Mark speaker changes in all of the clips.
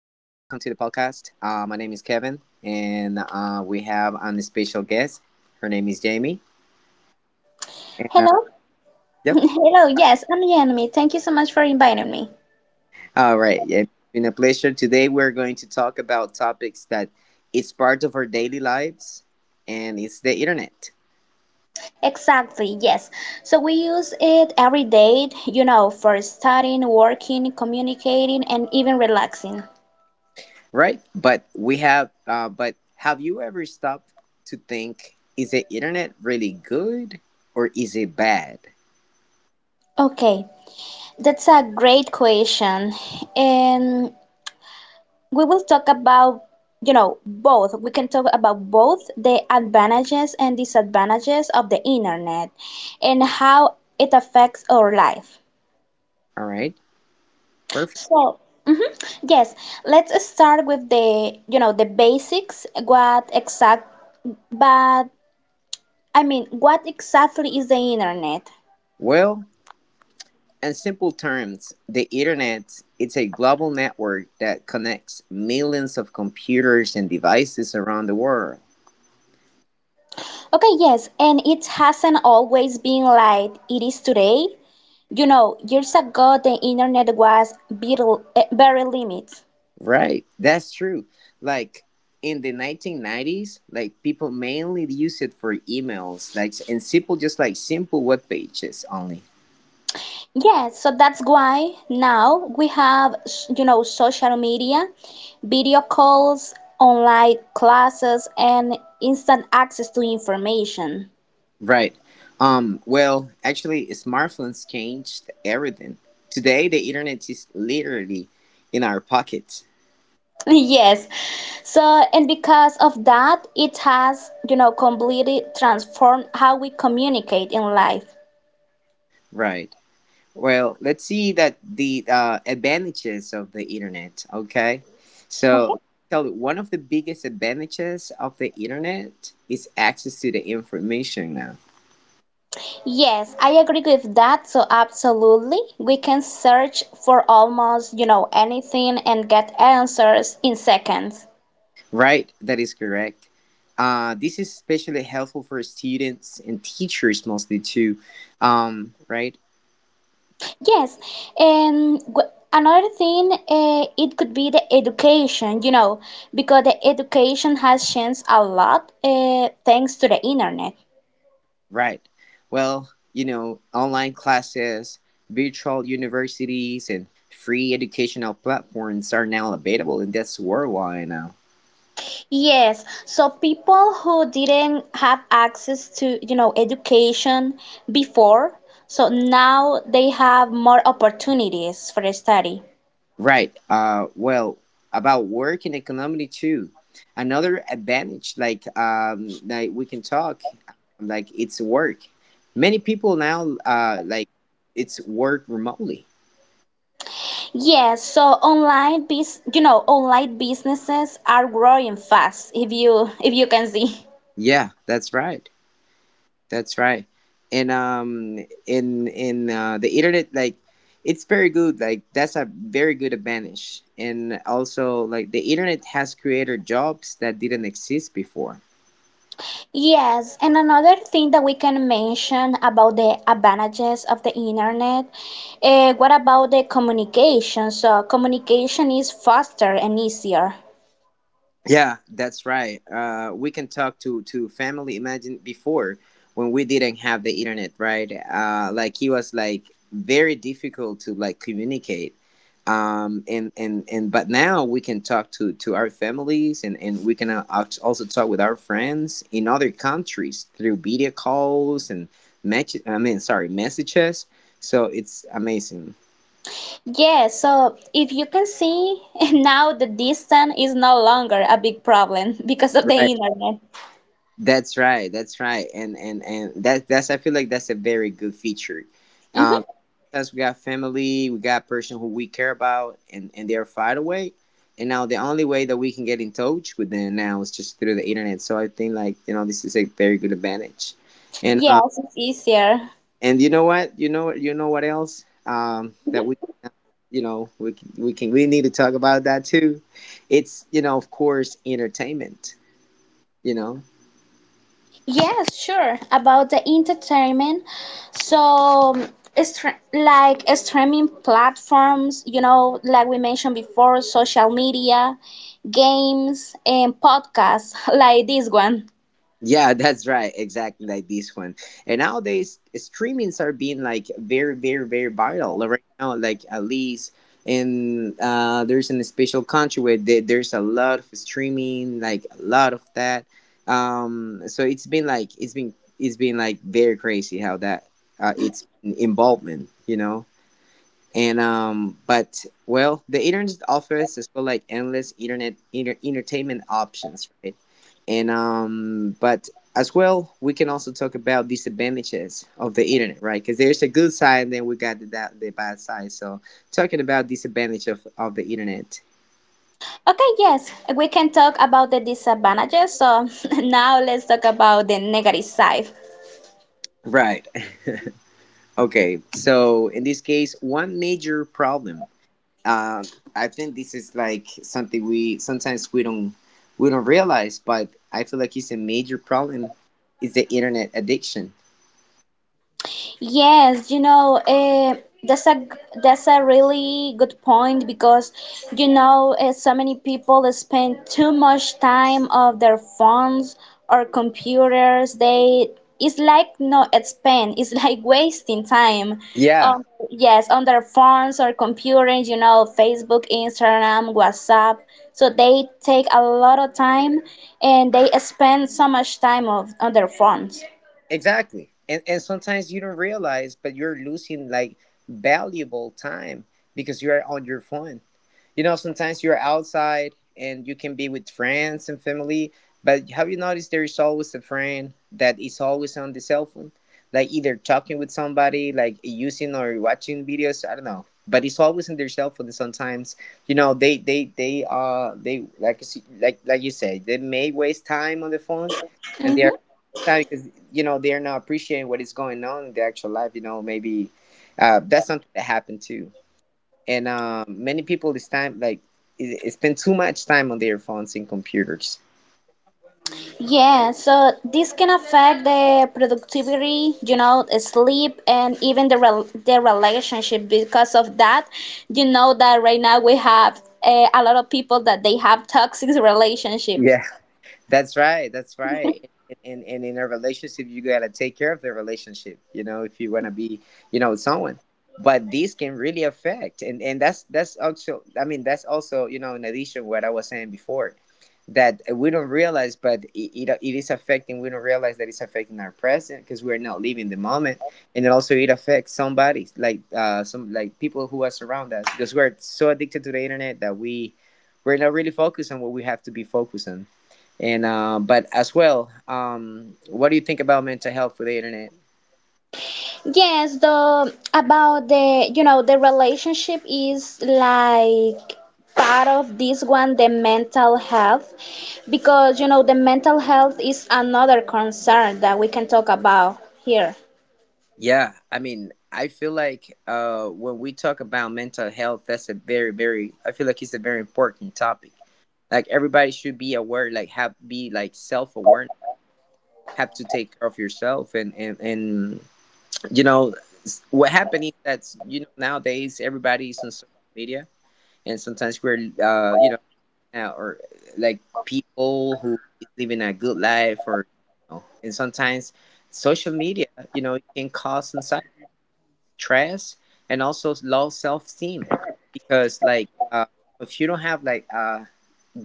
Speaker 1: to the podcast. My name is Kevin, and we have on a special guest. Her name is Jamie. And uh,
Speaker 2: Hello.
Speaker 1: yep.
Speaker 2: Hello. Yes, I'm Yanmi. Thank you so much for inviting me.
Speaker 1: All right. Yeah, it's been a pleasure. Today, we're going to talk about topics that it's part of our daily lives, and it's the internet,
Speaker 2: Exactly. Yes. So we use it every day, you know, for studying, working, communicating, and even relaxing.
Speaker 1: right? But we have. But have you ever stopped to think: is the internet really good or is it bad?
Speaker 2: Okay. That's a great question. And we will talk about, you know, both. We can talk about both the advantages and disadvantages of the internet and how it affects our life.
Speaker 1: All right. Perfect.
Speaker 2: So, mhm, yes, let's start with the basics. What exact, but I mean, What exactly is the internet?
Speaker 1: Well, in simple terms, the Internet it's a global network that connects millions of computers and devices around the world.
Speaker 2: Okay, yes, and it hasn't always been like it is today. You know, years ago, the internet was very, very limited.
Speaker 1: Right. That's true. Like in the 1990s, like people mainly use it for emails, like simple web pages only.
Speaker 2: Yes, so that's why now we have, you know, social media, video calls, online classes, and instant access to information.
Speaker 1: Right. Actually smartphones changed everything. Today the internet is literally in our pockets.
Speaker 2: Yes. So, and because of that, it has, you know, completely transformed how we communicate in life.
Speaker 1: Right. Well, let's see that the advantages of the internet. Okay,
Speaker 2: Okay.
Speaker 1: so tell you one of the biggest advantages of the internet is access to the information now.
Speaker 2: Yes, I agree with that. So, absolutely, we can search for almost, you know, anything and get answers in seconds.
Speaker 1: Right, that is correct. This is especially helpful for students and teachers mostly too. Um, right,
Speaker 2: Yes, and another thing, it could be the education, you know, because the education has changed a lot thanks to the internet.
Speaker 1: right. Well, you know, online classes, virtual universities, and free educational platforms are now available, and that's worldwide now.
Speaker 2: Yes, so people who didn't have access to, you know, education before, so now they have more opportunities for study.
Speaker 1: Right. Well, about work and economy too. Another advantage, like we can talk, like it's work. Many people now, like it's work remotely.
Speaker 2: Yes, so online bus you know, online businesses are growing fast if you if you can see.
Speaker 1: Yeah, that's right. That's right. And in the internet, like it's very good. Like that's a very good advantage. And also, like the internet has created jobs that didn't exist before.
Speaker 2: Yes, and another thing that we can mention about the advantages of the internet, what about the communication? So, communication is faster and easier.
Speaker 1: Yeah, that's right. We can talk to family. Imagine before when we didn't have the internet, right? Like it was like very difficult to like communicate. And but now we can talk to our families, and and we can also talk with our friends in other countries through video calls and match. I mean, sorry, messages. So it's amazing,
Speaker 2: Yes, so if you can see now the distance is no longer a big problem because of the
Speaker 1: right?
Speaker 2: internet.
Speaker 1: That's right. That's right. And that that's I feel like that's a very good feature.
Speaker 2: Hmm.
Speaker 1: Um, because we got family, we got person who we care about, and they're far away. And now the only way that we can get in touch with them now is just through the internet. So I think like you know this is a very good advantage. And uh,
Speaker 2: Yes, it's easier.
Speaker 1: and you know what else that
Speaker 2: Mm-hmm.
Speaker 1: we you know we can, we can we need to talk about that too. It's you know of course entertainment. You know.
Speaker 2: Yes, sure. About the entertainment, so like streaming platforms, you know, like we mentioned before, social media, games, and podcasts like this one.
Speaker 1: Yeah, that's right. Exactly like this one. And nowadays, streamings are being like very, very, very viral. Like, right now. Like at least in there's in a special country where there's a lot of streaming, like a lot of that. So it's been it's been like very crazy how that it's involvement. You know. And but well, the internet offers as well like endless entertainment options, right? And but as well, we can also talk about disadvantages of the internet, right? Because there's a good side, and then we got the bad side. So talking about disadvantage of the internet,
Speaker 2: Okay, yes, we can talk about the disadvantages. So now let's talk about the negative side.
Speaker 1: right? Okay, so in this case, one major problem uh, I think this is like something we sometimes we don't realize, but I feel like it's a major problem is the internet addiction.
Speaker 2: Yes, you know, that's a that's a really good point because you know so many people spend too much time of their phones or computers. They it's like no it's spend it's like wasting time.
Speaker 1: Yeah,
Speaker 2: Um, yes, on their phones or computers. You know, Facebook, Instagram, WhatsApp. So they take a lot of time and they spend so much time of on their phones.
Speaker 1: exactly. And sometimes you don't realize, but you're losing like valuable time because you are on your phone. You know, sometimes you're outside and you can be with friends and family, but have you noticed there is always a friend that is always on the cell phone, like either talking with somebody, like using or watching videos, I don't know, but it's always in their cell phone. Sometimes, you know, they like like you said, they may waste time on the phone and
Speaker 2: Mhm.
Speaker 1: they're time because you know they're not appreciating what is going on in their actual life, you know. Maybe that's something that happened too. And many people this time like spend too much time on their phones and computers.
Speaker 2: Yeah, so this can affect the productivity, you know, sleep, and even the relationship. Because of that, you know that right now we have a lot of people that they have toxic relationships.
Speaker 1: Yeah. That's right. That's right. And in a relationship, you gotta take care of the relationship. You know, if you wanna be, you know, with someone. But this can really affect, and that's also. I mean, that's also you know, in addition what I was saying before, that we don't realize, but it is affecting. We don't realize that it's affecting our present because we're not living the moment, and it also it affects somebody, like some like people who are around us, because we're so addicted to the internet that we're not really focused on what we have to be focused on. And but as well, what do you think about mental health for the internet?
Speaker 2: Yes, the about the you know the relationship is like part of this one, the mental health, because you know the mental health is another concern that we can talk about here.
Speaker 1: Yeah, I mean, I feel like when we talk about mental health, that's a very, very. I feel like it's a very important topic. Like everybody should be aware, like have be like self aware, have to take care of yourself, and you know what happened is that you know nowadays everybody is on social media, and sometimes we're you know or like people who is living a good life or you know, and sometimes social media you know it can cause anxiety, stress and also low self-esteem because like if you don't have like a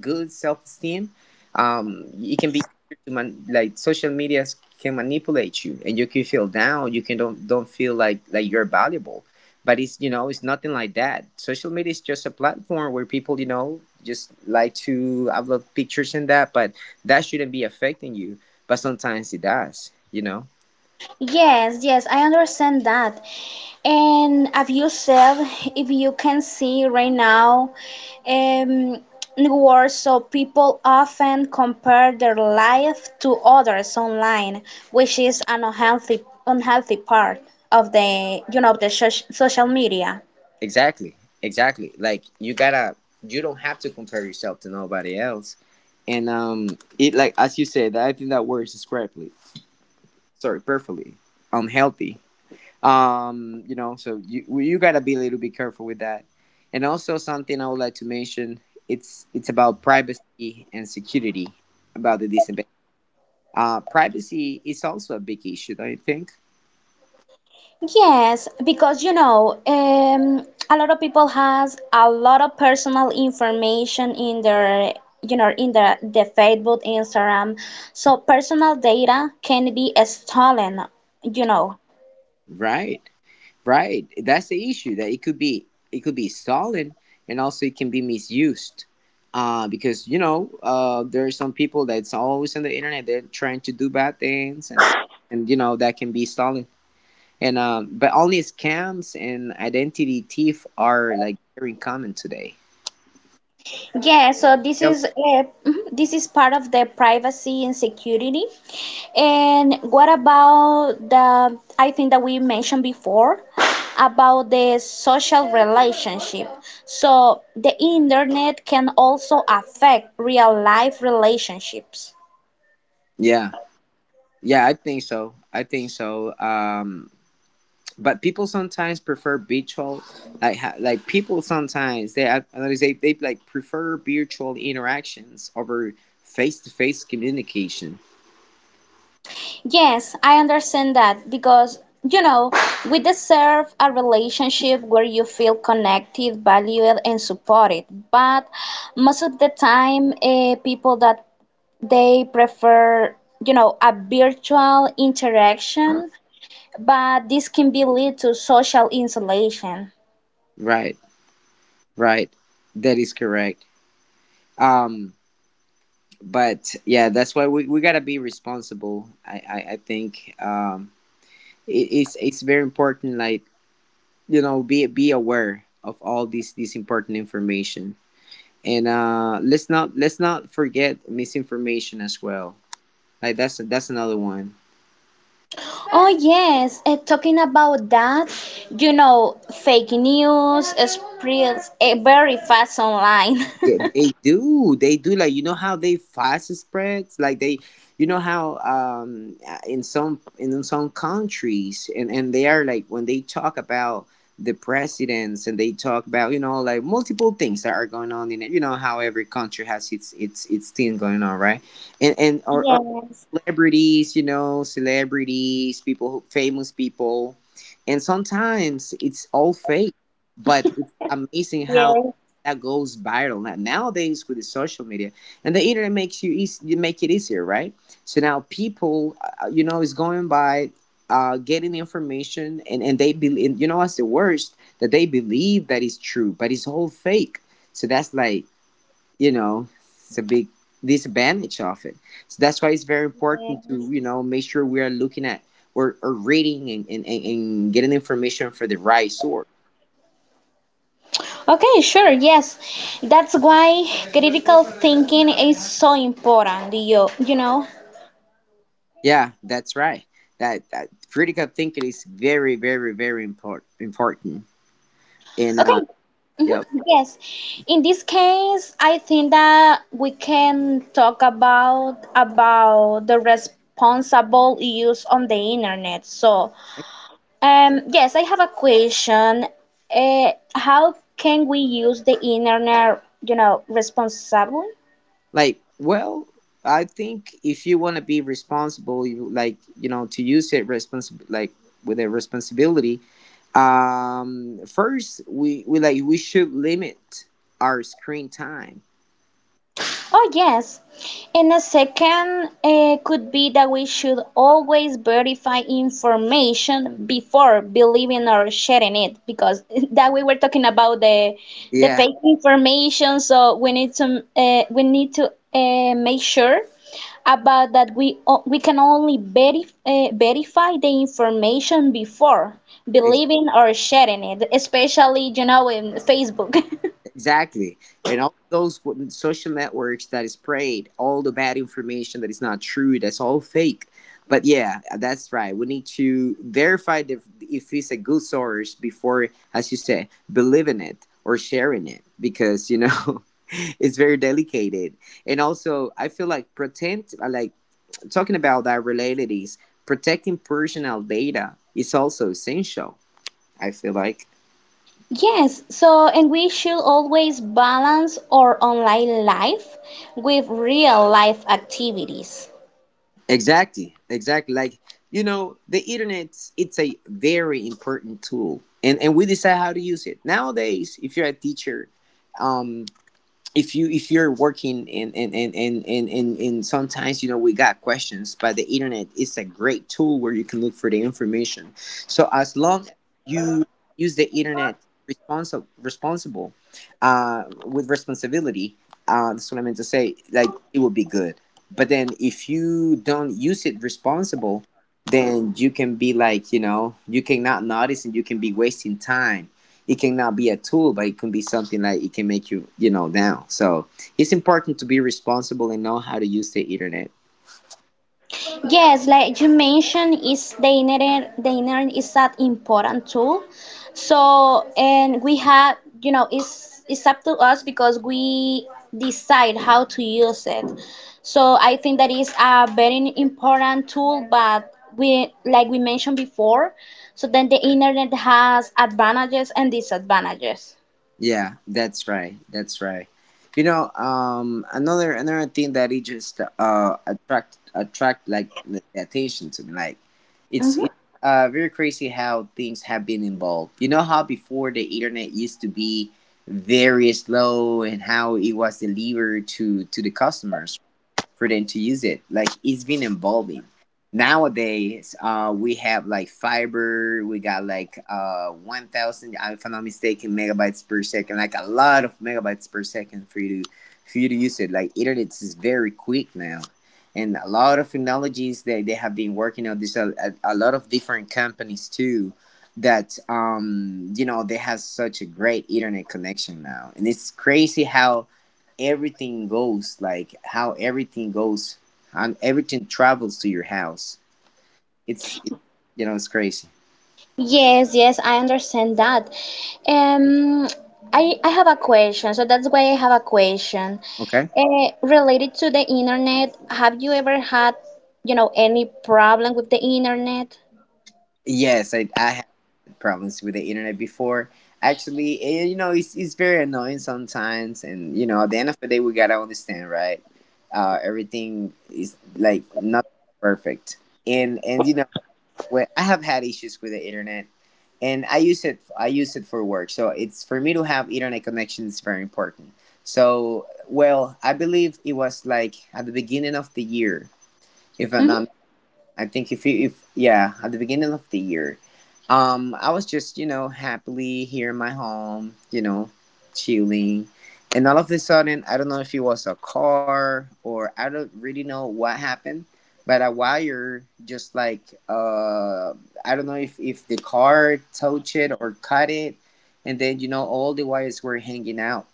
Speaker 1: good self-esteem it can be easier to man like social media can manipulate you and you can feel down, you can don't feel like you're valuable, but it's you know it's nothing like that. Social media is just a platform where people you know just like to upload pictures and that, but that shouldn't be affecting you, but sometimes it does, you know.
Speaker 2: Yes, yes, I understand that. And as you said, if you can see right now, um, in the world, so people often compare their life to others online, which is an unhealthy, unhealthy part of the, you know, the social media.
Speaker 1: Exactly, exactly, like you gotta you don't have to compare yourself to nobody else. And it, like as you said, I think that word is perfectly unhealthy. You know, so you gotta be a little bit careful with that. And also something I would like to mention, it's about privacy and security about the disinvestment. Privacy is also a big issue, don't you think?
Speaker 2: Yes, because you know, a lot of people has a lot of personal information in their, you know, in the Facebook, Instagram. So personal data can be stolen, you know.
Speaker 1: Right, right. That's the issue, that it could be stolen and also it can be misused. Because you know there are some people that's always on the internet. They're trying to do bad things, and you know that can be stolen. And but only scams and identity thief are like very common today.
Speaker 2: Yeah, so this
Speaker 1: Really?
Speaker 2: is mhm, this is part of the privacy and security. And what about the I think that we mentioned before about the social relationship. So the internet can also affect real life relationships.
Speaker 1: Yeah, yeah, I think so. I think so. But people sometimes prefer virtual, like people sometimes they I notice they like prefer virtual interactions over face to face communication.
Speaker 2: Yes, I understand that because, you know, we deserve a relationship where you feel connected, valued, and supported. But most of the time, people that they prefer, you know, a virtual interaction, but this can be lead to social insulation.
Speaker 1: Right, right, that is correct. Um, but yeah, that's why we gotta be responsible. I think it's very important like you know be aware of all this important information, and let's not forget misinformation as well, like that's another one.
Speaker 2: Oh yes, talking about that, you know, fake news spreads very fast online.
Speaker 1: Yeah, they do, they do, like you know how they fast spreads, like they you know how in some countries and they are like when they talk about the presidents and they talk about you know like multiple things that are going on in it, you know how every country has its thing going on, right? And or,
Speaker 2: Yes.
Speaker 1: celebrities, you know, celebrities, people, who, famous people, and sometimes it's all fake. But it's amazing how
Speaker 2: Yes.
Speaker 1: that goes viral now, nowadays with the social media and the internet makes you easy, you make it easier, right? So now people, you know, is going by. Getting information and they believe, you know, what's the worst that they believe that is true, but it's all fake. So that's, like, you know, it's a big disadvantage of it. So that's why it's very important
Speaker 2: Yes.
Speaker 1: to, you know, make sure we are looking at or reading and getting information for the right source.
Speaker 2: Okay, sure, yes. That's why critical thinking is so important, you know.
Speaker 1: Yeah, that's right. That critical thinking is very, very, very important. And
Speaker 2: Okay,
Speaker 1: yeah,
Speaker 2: hmm, yes. In this case, I think that we can talk about the responsible use on the internet. So, yes, I have a question. How can we use the internet, you know, responsibly?
Speaker 1: like, well, I think if you want to be responsible, you, like, you know, to use it respons- like with a responsibility. First we should limit our screen time.
Speaker 2: Oh, yes. And a second could be that we should always verify information before believing or sharing it, because that we were talking about the
Speaker 1: Yeah,
Speaker 2: fake information. So we need to make sure about that we can only verify the information before
Speaker 1: ex-
Speaker 2: believing or sharing it, especially you know in Facebook.
Speaker 1: exactly. And all those social networks that is sprayed all the bad information that is not true, that's all fake. But yeah, that's right, we need to verify if it's a good source before, as you say, believing it or sharing it, because, you know, it's very delicate. And also I feel like pretend like talking about that relatedis, protecting personal data is also essential. I feel like
Speaker 2: Yes, so and we should always balance our online life with real life activities.
Speaker 1: exactly, exactly. Like, you know, the internet, it's a very important tool, and we decide how to use it nowadays. If you're a teacher, um, if you're working, sometimes, you know, we got questions, but the internet is a great tool where you can look for the information. So as long as you use the internet responsible, with responsibility, that's what I meant to say. Like, it will be good. But then if you don't use it responsible, then you can be, like, you know, you cannot notice, and you can be wasting time. It can now be a tool, but it can be something that it can make you, you know, down. So it's important to be responsible and know how to use the internet.
Speaker 2: Yes, like you mentioned, is the internet is that important tool. So and we have, you know, it's up to us because we decide how to use it. So I think that is a very important tool, but we like we mentioned before, so then the internet has advantages and disadvantages.
Speaker 1: Yeah, that's right. That's right. You know, another thing that it just attract, like, the attention to me, like it's
Speaker 2: Mhm.
Speaker 1: it's uh very crazy how things have been involved. You know how before the internet used to be very slow and how it was delivered to the customers for them to use it. Like, it's been evolving. Nowadays, we have, like, fiber. We got, like, 1,000, if I'm not mistaken, megabytes per second. Like a lot of megabytes per second for you to use it. Like, internet is very quick now, and a lot of technologies that they have been working on. There's a lot of different companies too that, you know, they have such a great internet connection now, and it's crazy how everything goes, like how everything goes, and everything travels to your house. it's it, you know, it's crazy.
Speaker 2: Yes, yes, I understand that. Um, I have a question, so that's why I have a question.
Speaker 1: Okay.
Speaker 2: Related to the internet, have you ever had, you know, any problem with the internet?
Speaker 1: Yes, I had problems with the internet before, actually. You know, it's very annoying sometimes, and, you know, at the end of the day we gotta understand, right? Everything is, like, not perfect, and you know, where I have had issues with the internet, and I use it. I use it for work. So it's for me to have internet connection is very important. So well, I believe it was, like, at the beginning of the year, if I'm
Speaker 2: Mhm.
Speaker 1: not, I think, if— yeah, at the beginning of the year. I was just, you know, happily here in my home, you know, chilling, and all of a sudden, I don't know if it was a car, or I don't really know what happened, but a wire just, like, uh, I don't know if the car touched it or cut it, and then, you know, all the wires were hanging out,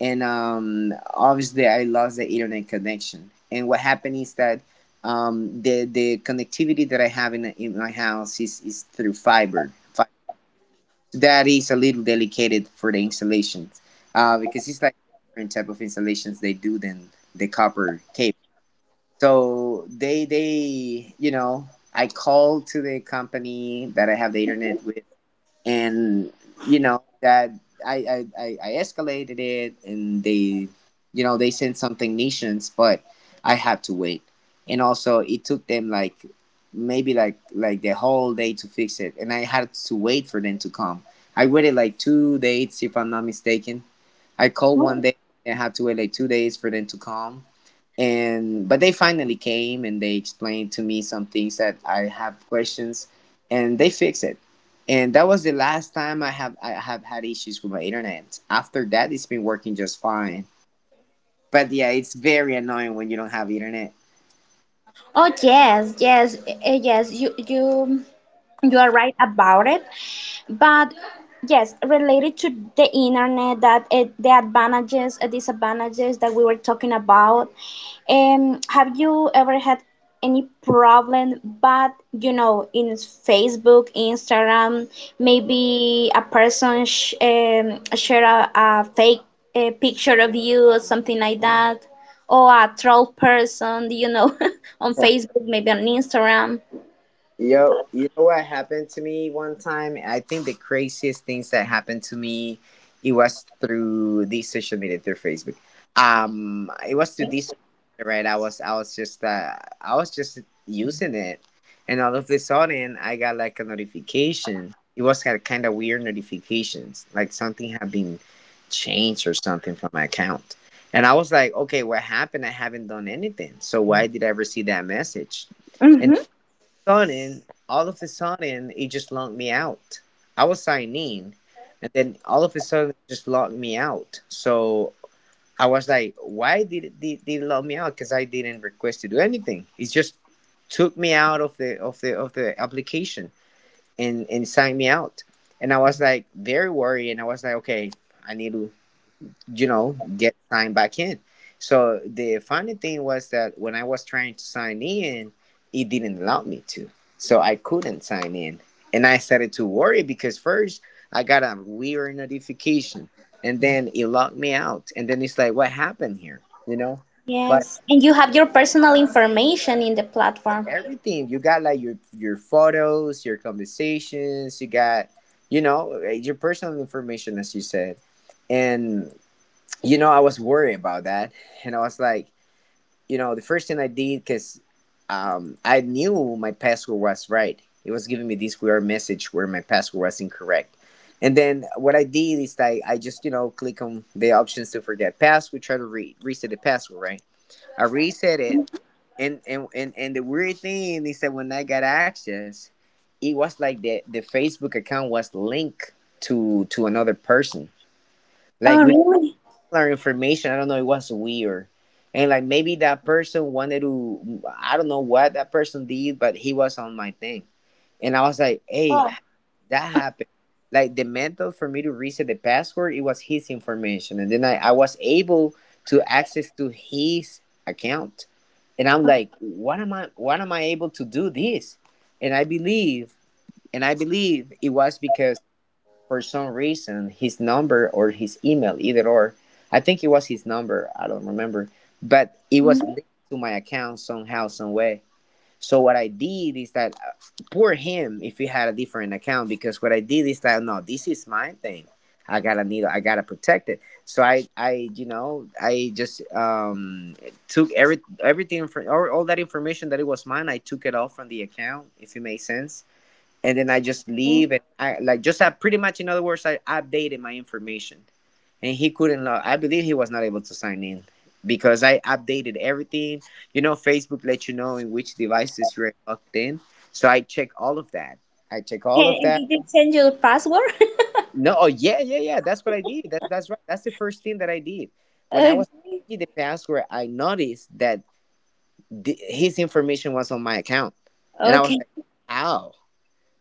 Speaker 1: and, obviously I lost the internet connection. And what happened is that, the connectivity that I have in my house is through fiber. That is a little delicate for the installations, because it's, like, different type of installations they do than the copper cable. So they, you know, I called to the company that I have the internet with, and, you know, that I escalated it, and they, you know, they sent something nations, but I had to wait. And also it took them, like, maybe, like the whole day to fix it, and I had to wait for them to come. I waited, like, 2 days, if I'm not mistaken. I called one day, and I had to wait, like, 2 days for them to come. And But they finally came, and they explained to me some things that I have questions, and they fixed it. And that was the last time I have had issues with my internet. After that, it's been working just fine. But yeah, it's very annoying when you don't have internet.
Speaker 2: Oh yes, yes, yes. You are right about it. But yes, related to the internet, that it, the advantages, disadvantages that we were talking about. Have you ever had any problem? But you know, in Facebook, Instagram, maybe a person share a fake picture of you or something like that, or a troll person, you know, on Facebook, maybe on Instagram.
Speaker 1: Yo, you know what happened to me one time? I think the craziest things that happened to me, it was through the social media, through Facebook. It was through this, right? I was just using it, and all of a sudden, I got, like, a notification. It was kind of weird notifications, like something had been changed or something from my account. And I was, like, okay, what happened? I haven't done anything, so why did I receive that message? And
Speaker 2: Mhm.
Speaker 1: sudden, all of a sudden, it just locked me out. I was signing, and then, all of a sudden, it just locked me out. So I was, like, why did it lock me out? Because I didn't request to do anything. It just took me out of the application and signed me out. And I was, like, very worried, and I was, like, okay, I need to, you know, get signed back in. So the funny thing was that when I was trying to sign in, it didn't allow me to. So I couldn't sign in. And I started to worry, because first I got a weird notification and then it locked me out. And then it's, like, what happened here? You know? But
Speaker 2: Yes, and you have your personal information in the platform.
Speaker 1: everything you got, like, your photos, your conversations, you got, you know, your personal information, as you said. And, you know, I was worried about that. And I was, like, you know, the first thing I did, because, I knew my password was right. It was giving me this weird message where my password was incorrect. And then what I did is I just, you know, click on the options to forget password, try to reset the password, right? I reset it. And the weird thing is that when I got access, it was, like, the Facebook account was linked to another person. Like,
Speaker 2: Oh,
Speaker 1: we
Speaker 2: really?
Speaker 1: our information. I don't know. It was weird. And, like, maybe that person wanted to, I don't know what that person did, but he was on my thing. And I was, like, hey,
Speaker 2: Oh,
Speaker 1: that happened. Like, the method for me to reset the password, it was his information. And then I was able to access to his account. And I'm, like, what am I able to do this? And I believe, and I believe it was because for some reason his number or his email, either or. I think it was his number. I don't remember, but it was
Speaker 2: no.
Speaker 1: linked to my account somehow, some way. So what I did is that, poor him if he had a different account, because what I did is that, no, this is my thing. I gotta protect it. So I, you know, I just, took everything from all that information that it was mine. I took it off from the account, if it makes sense, and then I just leave, and I, like, just I pretty much, in other words, I updated my information, and he couldn't log— I believe he was not able to sign in because I updated everything. You know, Facebook lets you know in which devices you're logged in. So I check all of that. I check all of
Speaker 2: Hey,
Speaker 1: that.
Speaker 2: did they send you the password?
Speaker 1: No, oh yeah, yeah, yeah. That's what I did. That's right. That's the first thing that I did. When I
Speaker 2: Uh,
Speaker 1: was changing the password, I noticed that his information was on my account. And I
Speaker 2: okay.
Speaker 1: was, like, how?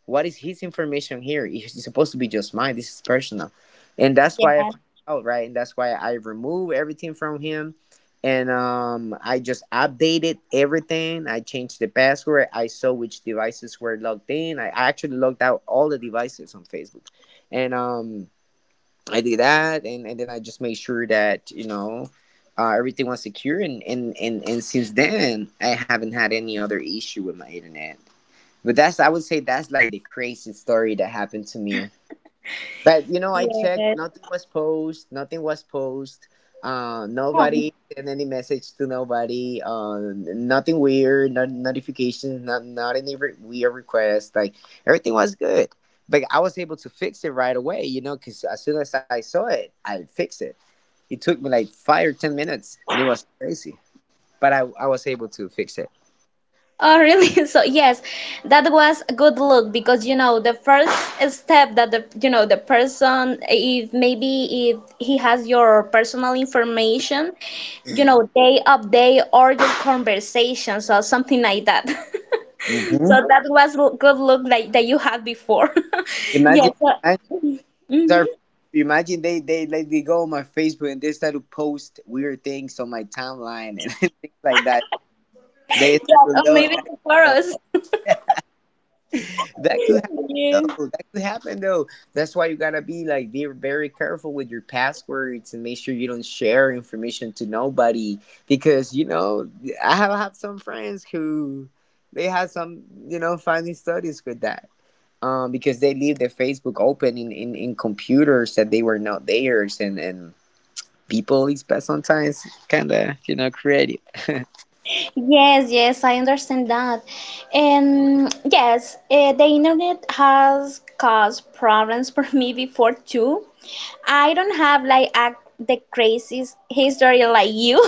Speaker 1: What is his information here? It's supposed to be just mine. This is personal, and that's why I
Speaker 2: Yeah.
Speaker 1: find out, right? And that's why I remove everything from him, and, I just updated everything. I changed the password. I saw which devices were logged in. I actually logged out all the devices on Facebook, and, I did that, and then I just made sure that, you know, everything was secure, and since then I haven't had any other issue with my internet. But that's— I would say that's, like, the craziest story that happened to me. But you know, I checked,
Speaker 2: Yes.
Speaker 1: nothing was posted, nothing was posted.
Speaker 2: Oh.
Speaker 1: Nobody sent any message to nobody. Nothing weird, no notifications, not any weird request. Like, everything was good. But I was able to fix it right away, you know, because as soon as I saw it, I fixed it. It took me, like, 5 or 10 minutes, and it was crazy. But I was able to fix it.
Speaker 2: Oh, really? So yes, that was a good look because you know the first step that the you know the person if maybe if he has your personal information, you know they update all your conversations or something like that. So
Speaker 1: Mm-hmm.
Speaker 2: that was good look like that you had before. Yes.
Speaker 1: Imagine— sorry—
Speaker 2: Mm-hmm.
Speaker 1: imagine they let me go on my Facebook and they start to post weird things on my timeline and things like that.
Speaker 2: Yeah.
Speaker 1: They start to
Speaker 2: Or
Speaker 1: know,
Speaker 2: maybe
Speaker 1: like,
Speaker 2: the
Speaker 1: you know,
Speaker 2: photos.
Speaker 1: that could happen
Speaker 2: Yeah.
Speaker 1: though. That could happen though. That's why you gotta be, like, be very careful with your passwords, and make sure you don't share information to nobody, because you know I have had some friends who they had some, you know, finding studies with that, because they leave their Facebook open in computers that they were not theirs, and, people is sometimes kind of, you know, creative.
Speaker 2: Yes, yes, I understand that. And yes, the internet has caused problems for me before too. I don't have like the craziest history like you,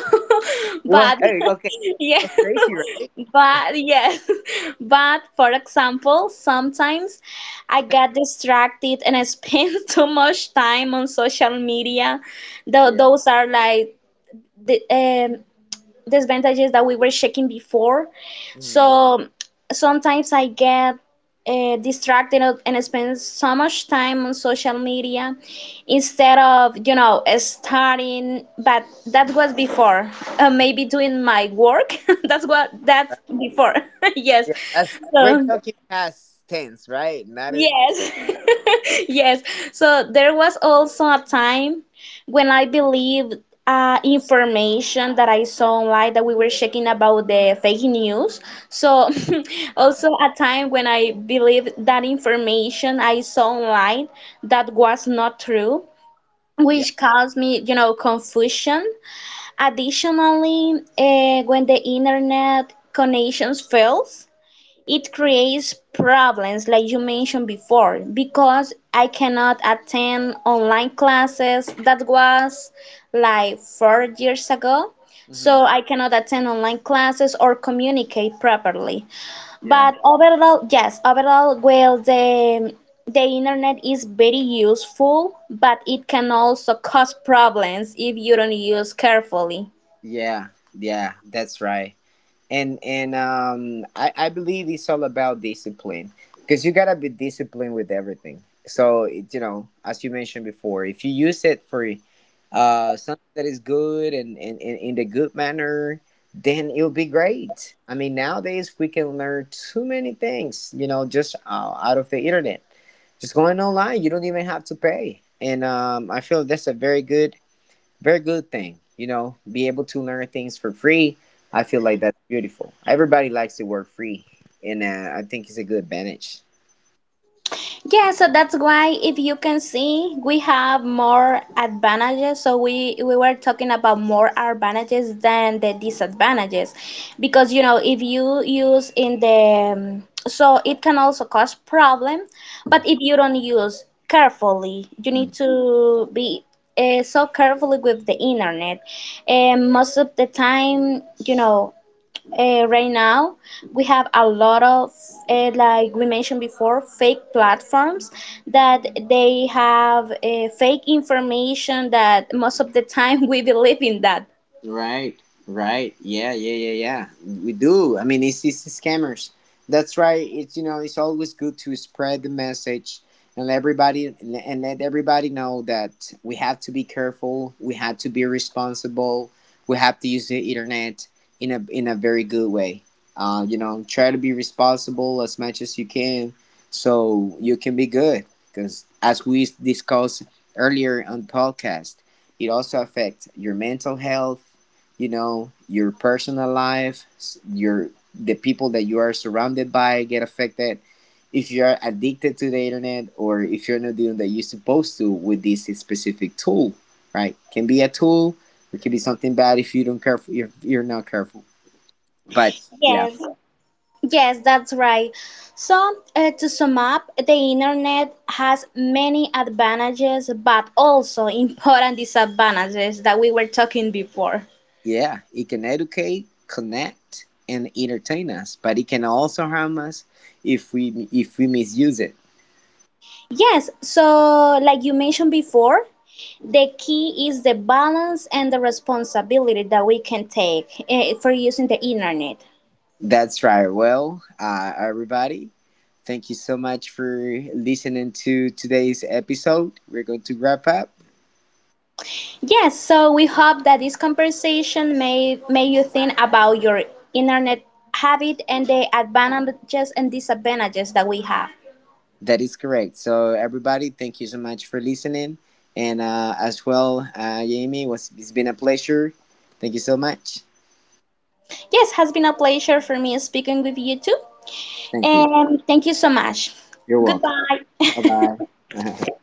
Speaker 1: It was
Speaker 2: but
Speaker 1: hey, okay. It
Speaker 2: yeah,
Speaker 1: was crazy, right?
Speaker 2: but yes, but for example, sometimes I get distracted and I spend too much time on social media. Tho-
Speaker 1: Yeah.
Speaker 2: those are like the, disadvantages that we were checking before.
Speaker 1: Mhm.
Speaker 2: So sometimes I get distracted and spend so much time on social media instead of, you know, studying. But that
Speaker 1: Mhm.
Speaker 2: was before. Maybe doing my work. That's what, that's
Speaker 1: Right?
Speaker 2: before. Yes.
Speaker 1: Yeah. We're
Speaker 2: So.
Speaker 1: talking past tense, right? Not in,
Speaker 2: Yes, yes. So there was also a time when I believed information that I saw online that we were checking about the fake news. So
Speaker 1: uh,
Speaker 2: also a time when I believed that information I saw online that was not true,
Speaker 1: yeah.
Speaker 2: which caused me, you know, confusion. Additionally, when the internet connections fails, it creates problems like you mentioned before because I cannot attend online classes that was like 4 years ago.
Speaker 1: Hmm.
Speaker 2: So I cannot attend online classes or communicate properly.
Speaker 1: Yeah.
Speaker 2: But overall, yes, overall, well, the internet is very useful, but it can also cause problems if you don't use carefully.
Speaker 1: Yeah. Yeah. That's right. And I believe it's all about discipline, because you gotta be disciplined with everything. So, you know, as you mentioned before, if you use it for something that is good, and in the good manner, then it'll be great. I mean, nowadays we can learn too many things, you know, just out of the internet, just going online. You don't even have to pay, and, I feel that's a very good thing. You know, be able to learn things for free. I feel, like, that's beautiful. Everybody likes to work free, and, I think it's a good advantage.
Speaker 2: Yeah, so that's why if you can see, we have more advantages. So we were talking about more advantages than the disadvantages, because you know if you use in the so it can also cause problem, but if you don't use carefully, you need
Speaker 1: Mm-hmm.
Speaker 2: to be. So carefully with the internet, and most of the time you know right now we have a lot of like we mentioned before, fake platforms that they have fake information that most of the time we believe in that.
Speaker 1: Right, right. Yeah, yeah, yeah, yeah. We do. I mean, it's scammers. That's right. It's, you know, it's always good to spread the message, and let everybody know that we have to be careful. We have to be responsible. We have to use the internet in a very good way. You know, try to be responsible as much as you can, so you can be good. Because as we discussed earlier on podcast, it also affects your mental health, you know, your personal life, your the people that you are surrounded by get affected if you're addicted to the internet, or if you're not doing that you're supposed to with this specific tool, right? Can be a tool, or can be something bad if you don't careful— you're not careful. But yeah,
Speaker 2: Yes. Yes, that's right. So, to sum up, the internet has many advantages but also important disadvantages that we were talking before.
Speaker 1: yeah, it can educate, connect and entertain us, but it can also harm us if we misuse it.
Speaker 2: Yes, so like you mentioned before, the key is the balance and the responsibility that we can take for using the internet.
Speaker 1: That's right. Well, everybody, thank you so much for listening to today's episode. We're going to wrap up.
Speaker 2: Yes, so we hope that this conversation may made you think about your internet habit and the advantages and disadvantages that we have.
Speaker 1: That is correct. So, everybody, thank you so much for listening. And, as well, Jamie, it's been a pleasure. Thank you so much.
Speaker 2: Yes, has been a pleasure for me speaking with you too.
Speaker 1: Thank you.
Speaker 2: And thank you so much.
Speaker 1: You're welcome.
Speaker 2: Goodbye.
Speaker 1: Bye bye.